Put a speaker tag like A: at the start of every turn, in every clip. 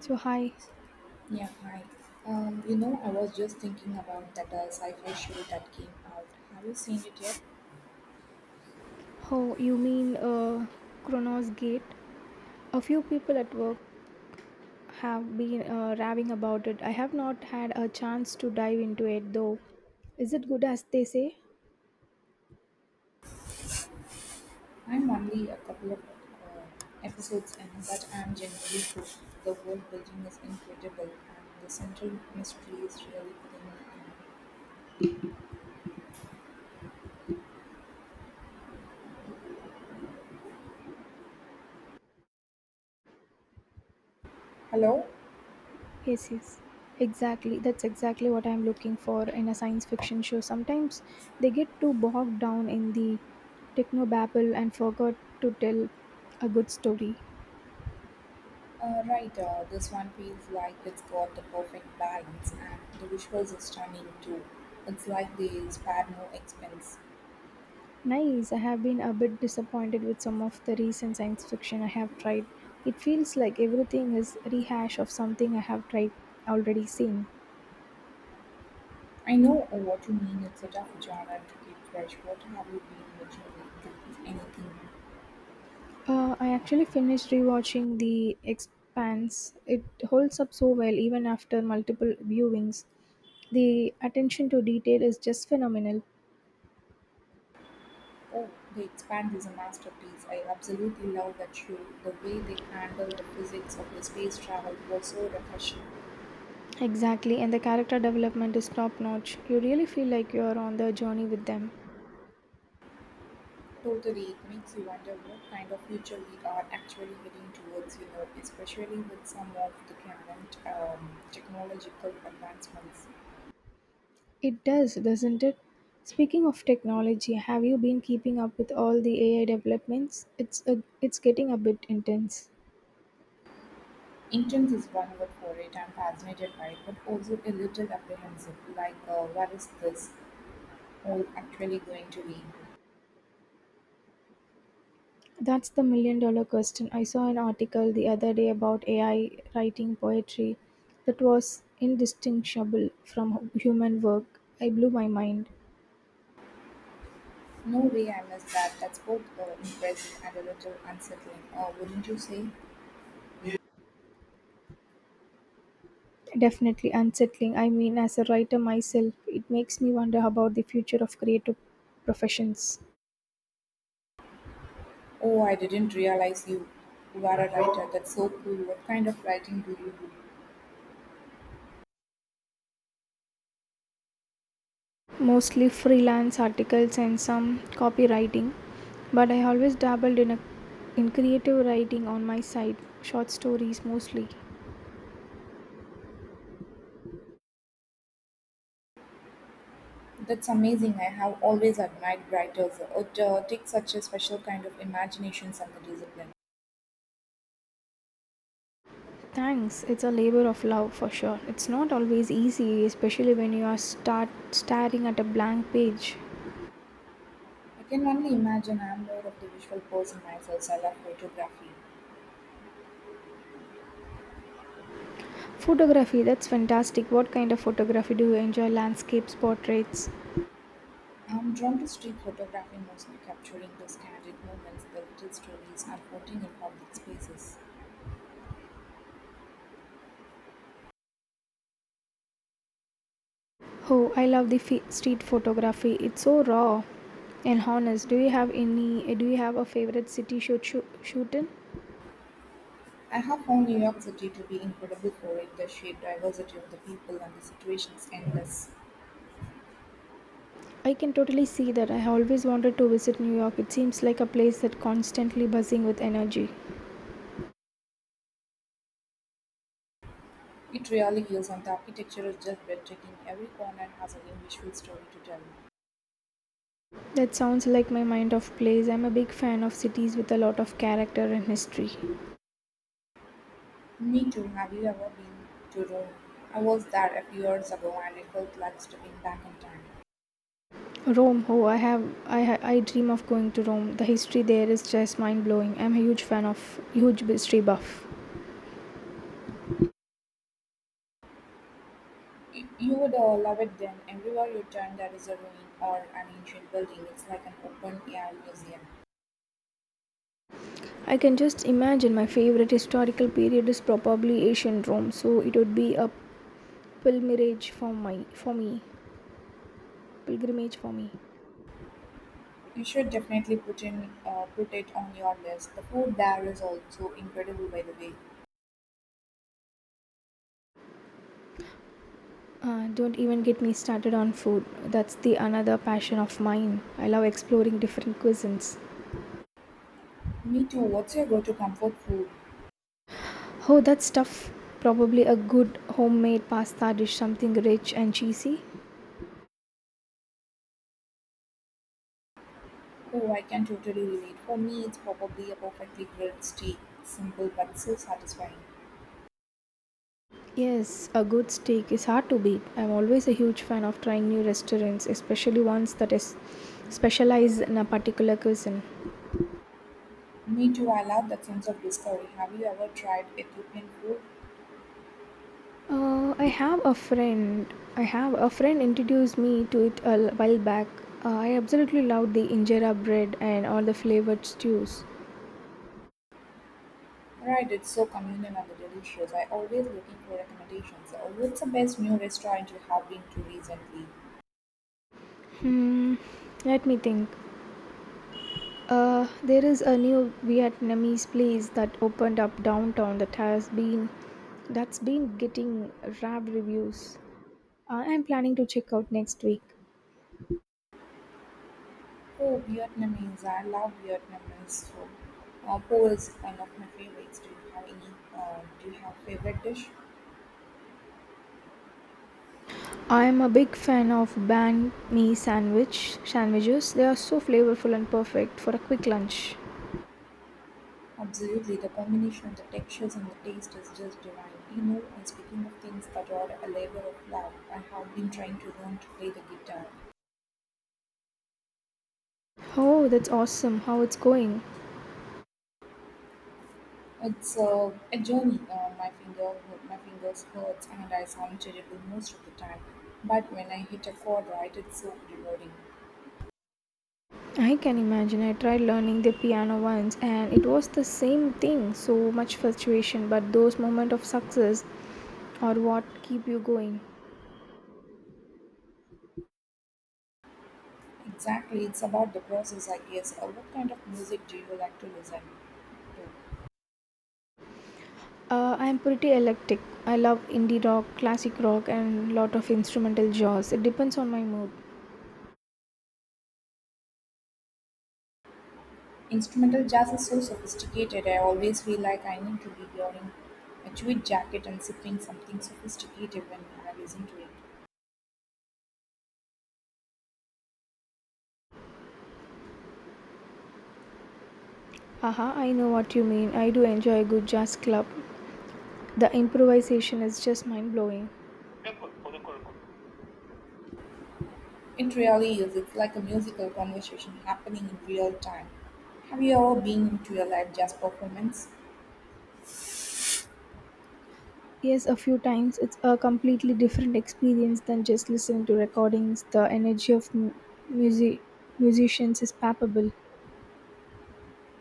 A: So hi,
B: Yeah, hi. I was just thinking about that sci-fi show that came out. Have you seen it yet?
A: oh, you mean Chronos Gate? A few people at work have been raving about it. I have not had a chance to dive into it though. Is it good as they say?
B: I'm only a couple of episodes in, but I'm genuinely hooked. The world building is incredible, and the central mystery is really pulling me in. Hello?
A: Yes, yes. Exactly. That's exactly what I'm looking for in a science fiction show. Sometimes they get too bogged down in the technobabble and forgot to tell a good story.
B: Right, this one feels like it's got the perfect balance, and the visuals are stunning too. It's like they spared no expense.
A: Nice. I have been a bit disappointed with some of the recent science fiction I have tried. It feels like everything is rehash of something I have tried already seen.
B: I know what you mean, it's a tough genre to keep fresh. What have you been watching lately, if anything?
A: I actually finished rewatching The Expanse. It holds up so well even after multiple viewings. The attention to detail is just phenomenal.
B: Oh, The Expanse is a masterpiece. I absolutely love that show. The way they handle the physics of the space travel was so refreshing.
A: Exactly, and the character development is top notch. You really feel like you are on the journey with them.
B: Totally, it makes you wonder what kind of future we are actually heading towards, especially with some of the current technological advancements.
A: It does, doesn't it? Speaking of technology, have you been keeping up with all the AI developments? It's getting a bit intense.
B: Intense is one word for it. I'm fascinated by it, but also a little apprehensive. Like, where is this all actually going to be?
A: That's the million dollar question. I saw an article the other day about AI writing poetry that was indistinguishable from human work. I blew my mind.
B: No way I missed that. That's both impressive and a little unsettling. Wouldn't you say?
A: Definitely unsettling. I mean, as a writer myself, it makes me wonder about the future of creative professions.
B: Oh, I didn't realize you were a writer. That's so cool. What kind of writing do you do?
A: Mostly freelance articles and some copywriting, but I always dabbled in creative writing on my side, short stories mostly.
B: That's amazing. I have always admired writers. It takes such a special kind of imagination and the discipline.
A: Thanks, it's a labor of love for sure. It's not always easy, especially when you are start staring at a blank page.
B: I can only imagine I'm more of the visual person myself. I love photography.
A: Photography, that's fantastic. What kind of photography do you enjoy? Landscapes, portraits?
B: I'm drawn to street photography mostly capturing those candid moments, the little stories unfolding in public spaces.
A: Oh, I love street photography. It's so raw and honest. Do you have a favorite city shoot shoot, shoot in?
B: I have found New York City to be incredible for it. The sheer diversity of the people and the situations endless.
A: I can totally see that. I always wanted to visit New York. It seems like a place that's constantly buzzing with energy.
B: It really is, and the architecture is just breathtaking. Every corner has a new visual story to tell.
A: That sounds like my mind of place. I'm a big fan of cities with a lot of character and history.
B: Me too. Have you ever been to Rome? I was there a few years ago, and it felt like stepping back in time.
A: Rome, oh, I have, I, ha- I dream of going to Rome. The history there is just mind blowing. I'm a huge fan of, huge history buff.
B: You would love it then. Everywhere you turn, there is a ruin or an ancient building. It's like an open air museum.
A: I can just imagine, my favorite historical period is probably ancient Rome. So it would be a pilgrimage for my, for me, pilgrimage for me.
B: You should definitely put it on your list. The food there is also incredible, by the way.
A: Don't even get me started on food. That's the another passion of mine. I love exploring different cuisines.
B: Me too. What's your go to comfort food?
A: Oh, that's tough. Probably a good homemade pasta dish, something rich and cheesy.
B: Oh, I can totally relate. For me, it's probably a perfectly grilled steak. Simple but so satisfying.
A: Yes, a good steak is hard to beat. I'm always a huge fan of trying new restaurants, especially ones that is specialize in a particular cuisine.
B: Me too. I love that sense of discovery. Have you ever tried Ethiopian food?
A: I have a friend introduced me to it a while back. I absolutely loved the injera bread and all the flavored stews.
B: Right, it's so communal and delicious. I always looking for recommendations. What's the best new restaurant you have been to recently?
A: Hmm, let me think. There is a new Vietnamese place that opened up downtown that has been that's been getting rave reviews. I am planning to check out next week.
B: Oh, Vietnamese. I love Vietnamese food. Po is one of my favorites. Do you have any? Do you have favorite dish?
A: I am a big fan of banh mi sandwiches. They are so flavorful and perfect for a quick lunch.
B: Absolutely, the combination of the textures and the taste is just divine. You know, and speaking of things that are a labor of love, I have been trying to learn to play the guitar.
A: Oh, that's awesome! How it's going?
B: It's a journey. My fingers hurts, and I sound terrible most of the time. But when I hit a chord right, it's so rewarding.
A: I can imagine. I tried learning the piano once, and it was the same thing. So much fluctuation, but those moments of success or what keep you going?
B: Exactly, it's about the process, I guess. What kind of music do you like to listen to?
A: I am pretty eclectic. I love indie rock, classic rock, and lot of instrumental jazz. It depends on my mood.
B: Instrumental jazz is so sophisticated, I always feel like I need to be wearing a tweed jacket and sipping something sophisticated when I listen to it.
A: Haha, I know what you mean. I do enjoy a good jazz club. The improvisation is just mind blowing.
B: It really is. It's like a musical conversation happening in real time. Have you ever been to a live jazz performance?
A: Yes, a few times, it's a completely different experience than just listening to recordings. The energy of music musicians is palpable.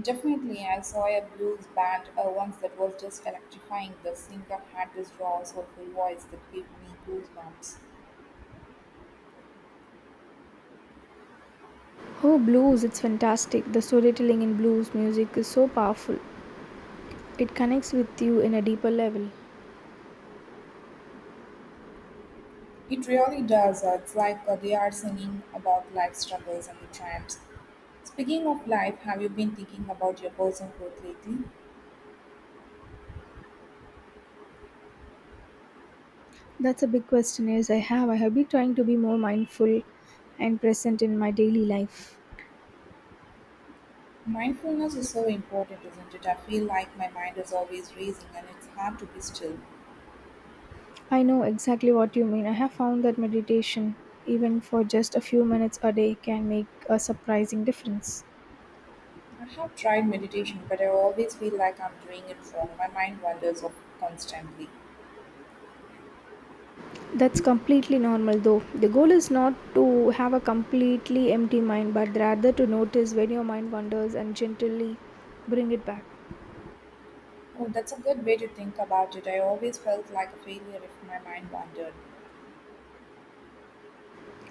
B: Definitely, I saw a blues band once that was just electrifying. The singer had this raw, soulful voice that gave me goosebumps.
A: Oh, blues, it's fantastic. The storytelling in blues music is so powerful. It connects with you in a deeper level.
B: It really does. It's like they are singing about life struggles and the triumphs. Speaking of life, have you been thinking about your personal growth lately?
A: That's a big question. Is I have. I have been trying to be more mindful and present in my daily life.
B: Mindfulness is so important, isn't it? I feel like my mind is always racing and it's hard to be still.
A: I know exactly what you mean. I have found that meditation, even for just a few minutes a day, can make a surprising difference.
B: I have tried meditation, but I always feel like I'm doing it wrong. My mind wanders off constantly.
A: That's completely normal though. The goal is not to have a completely empty mind, but rather to notice when your mind wanders and gently bring it back.
B: Oh, that's a good way to think about it. I always felt like a failure if my mind wandered.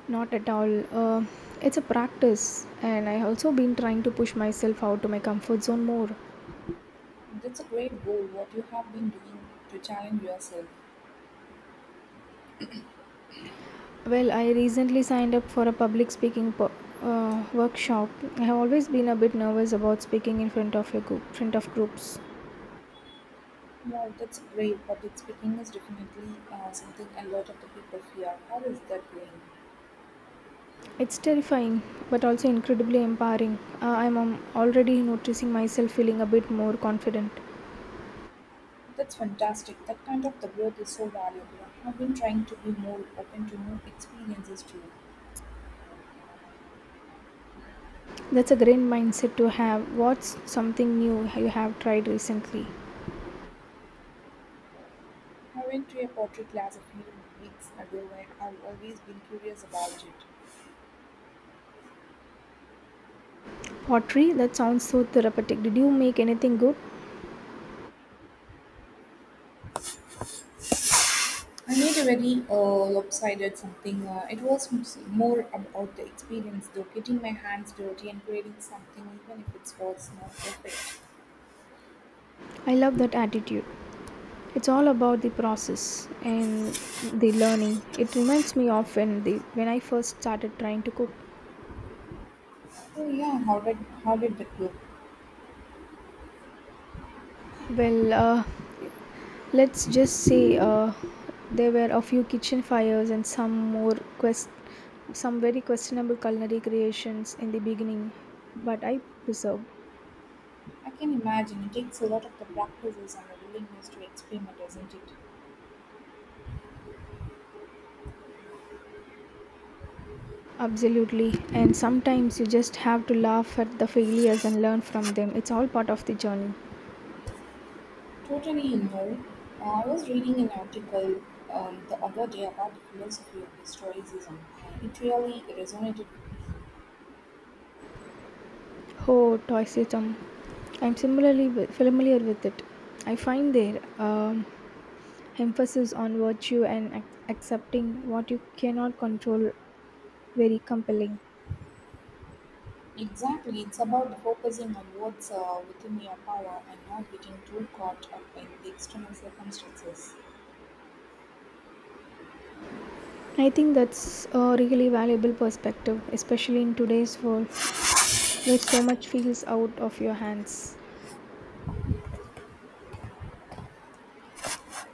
A: Not at all. It's a practice, and I also been trying to push myself out to my comfort zone more.
B: That's a great goal, what you have been doing to challenge yourself.
A: Well, I recently signed up for a public speaking workshop. I have always been a bit nervous about speaking in front of groups.
B: Yeah, that's great, but it's speaking is definitely something a lot of the people fear. How is that going?
A: It's terrifying, but also incredibly empowering. I'm already noticing myself feeling a bit more confident.
B: That's fantastic. That kind of the growth is so valuable. I've been trying to be more open to new experiences too.
A: That's a great mindset to have. What's something new you have tried recently?
B: I went to a pottery class a few weeks ago and I've always been curious about it.
A: Pottery? That sounds so therapeutic. Did you make anything good?
B: I made a very lopsided something. More about the experience though, getting my hands dirty and creating something even if it was not perfect.
A: I love that attitude. It's all about the process and the learning. It reminds me of when I first started trying to cook.
B: Oh yeah, how did that go?
A: Well, let's just say, there were a few kitchen fires and quest some very questionable culinary creations in the beginning, but I preserved.
B: I can imagine it takes a lot of the practices and a willingness to experiment, isn't it?
A: Absolutely, and sometimes you just have to laugh at the failures and learn from them. It's all part of the journey.
B: Totally in there. I was reading an article the other day about the philosophy of historicism. It really resonated with me.
A: Oh, Toiseism. I'm similarly familiar with it. I find their emphasis on virtue and accepting what you cannot control very compelling.
B: Exactly, it's about focusing on what's within your power and not getting too caught up in the external circumstances.
A: I think that's a really valuable perspective, especially in today's world where so much feels out of your hands.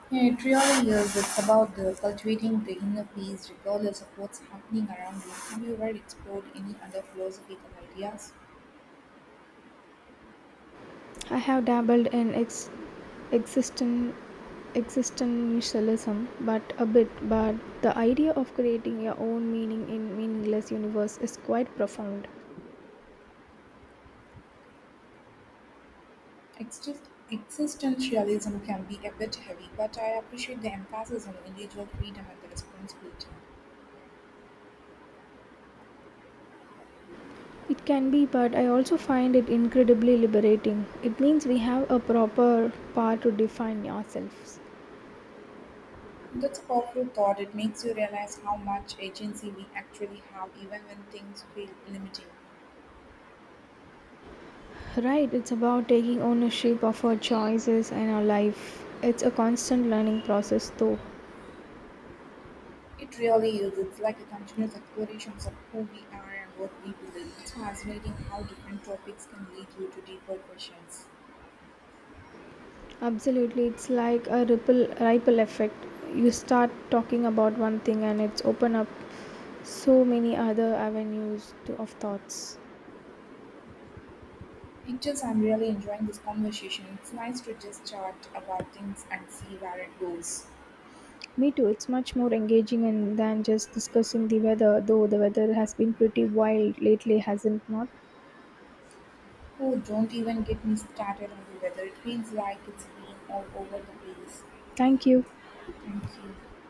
B: Yeah, it really is. It's about the cultivating the inner peace regardless of what's happening around you. Have you ever explored any other philosophical ideas?
A: I have dabbled in existen- existentialism, but a bit. But the idea of creating your own meaning in meaningless universe is quite profound.
B: Exist Existentialism can be a bit heavy, but I appreciate the emphasis on individual freedom and the responsibility.
A: It can be, but I also find it incredibly liberating. It means we have a proper power to define ourselves.
B: That's a powerful thought. It makes you realize how much agency we actually have, even when things feel limiting.
A: Right, it's about taking ownership of our choices and our life. It's a constant learning process, though.
B: It really is. It's like a continuous exploration of who we are and what we believe. It's fascinating how different topics can lead you to deeper questions.
A: Absolutely, it's like a ripple effect. You start talking about one thing and it's open up so many other of thoughts.
B: It just, I'm really enjoying this conversation. It's nice to just chat about things and see where it goes.
A: Me too. It's much more engaging and than just discussing the weather, though the weather has been pretty wild lately, hasn't not?
B: Oh, don't even get me started on the weather. It feels like it's been all over the place.
A: Thank you.
B: Thank you.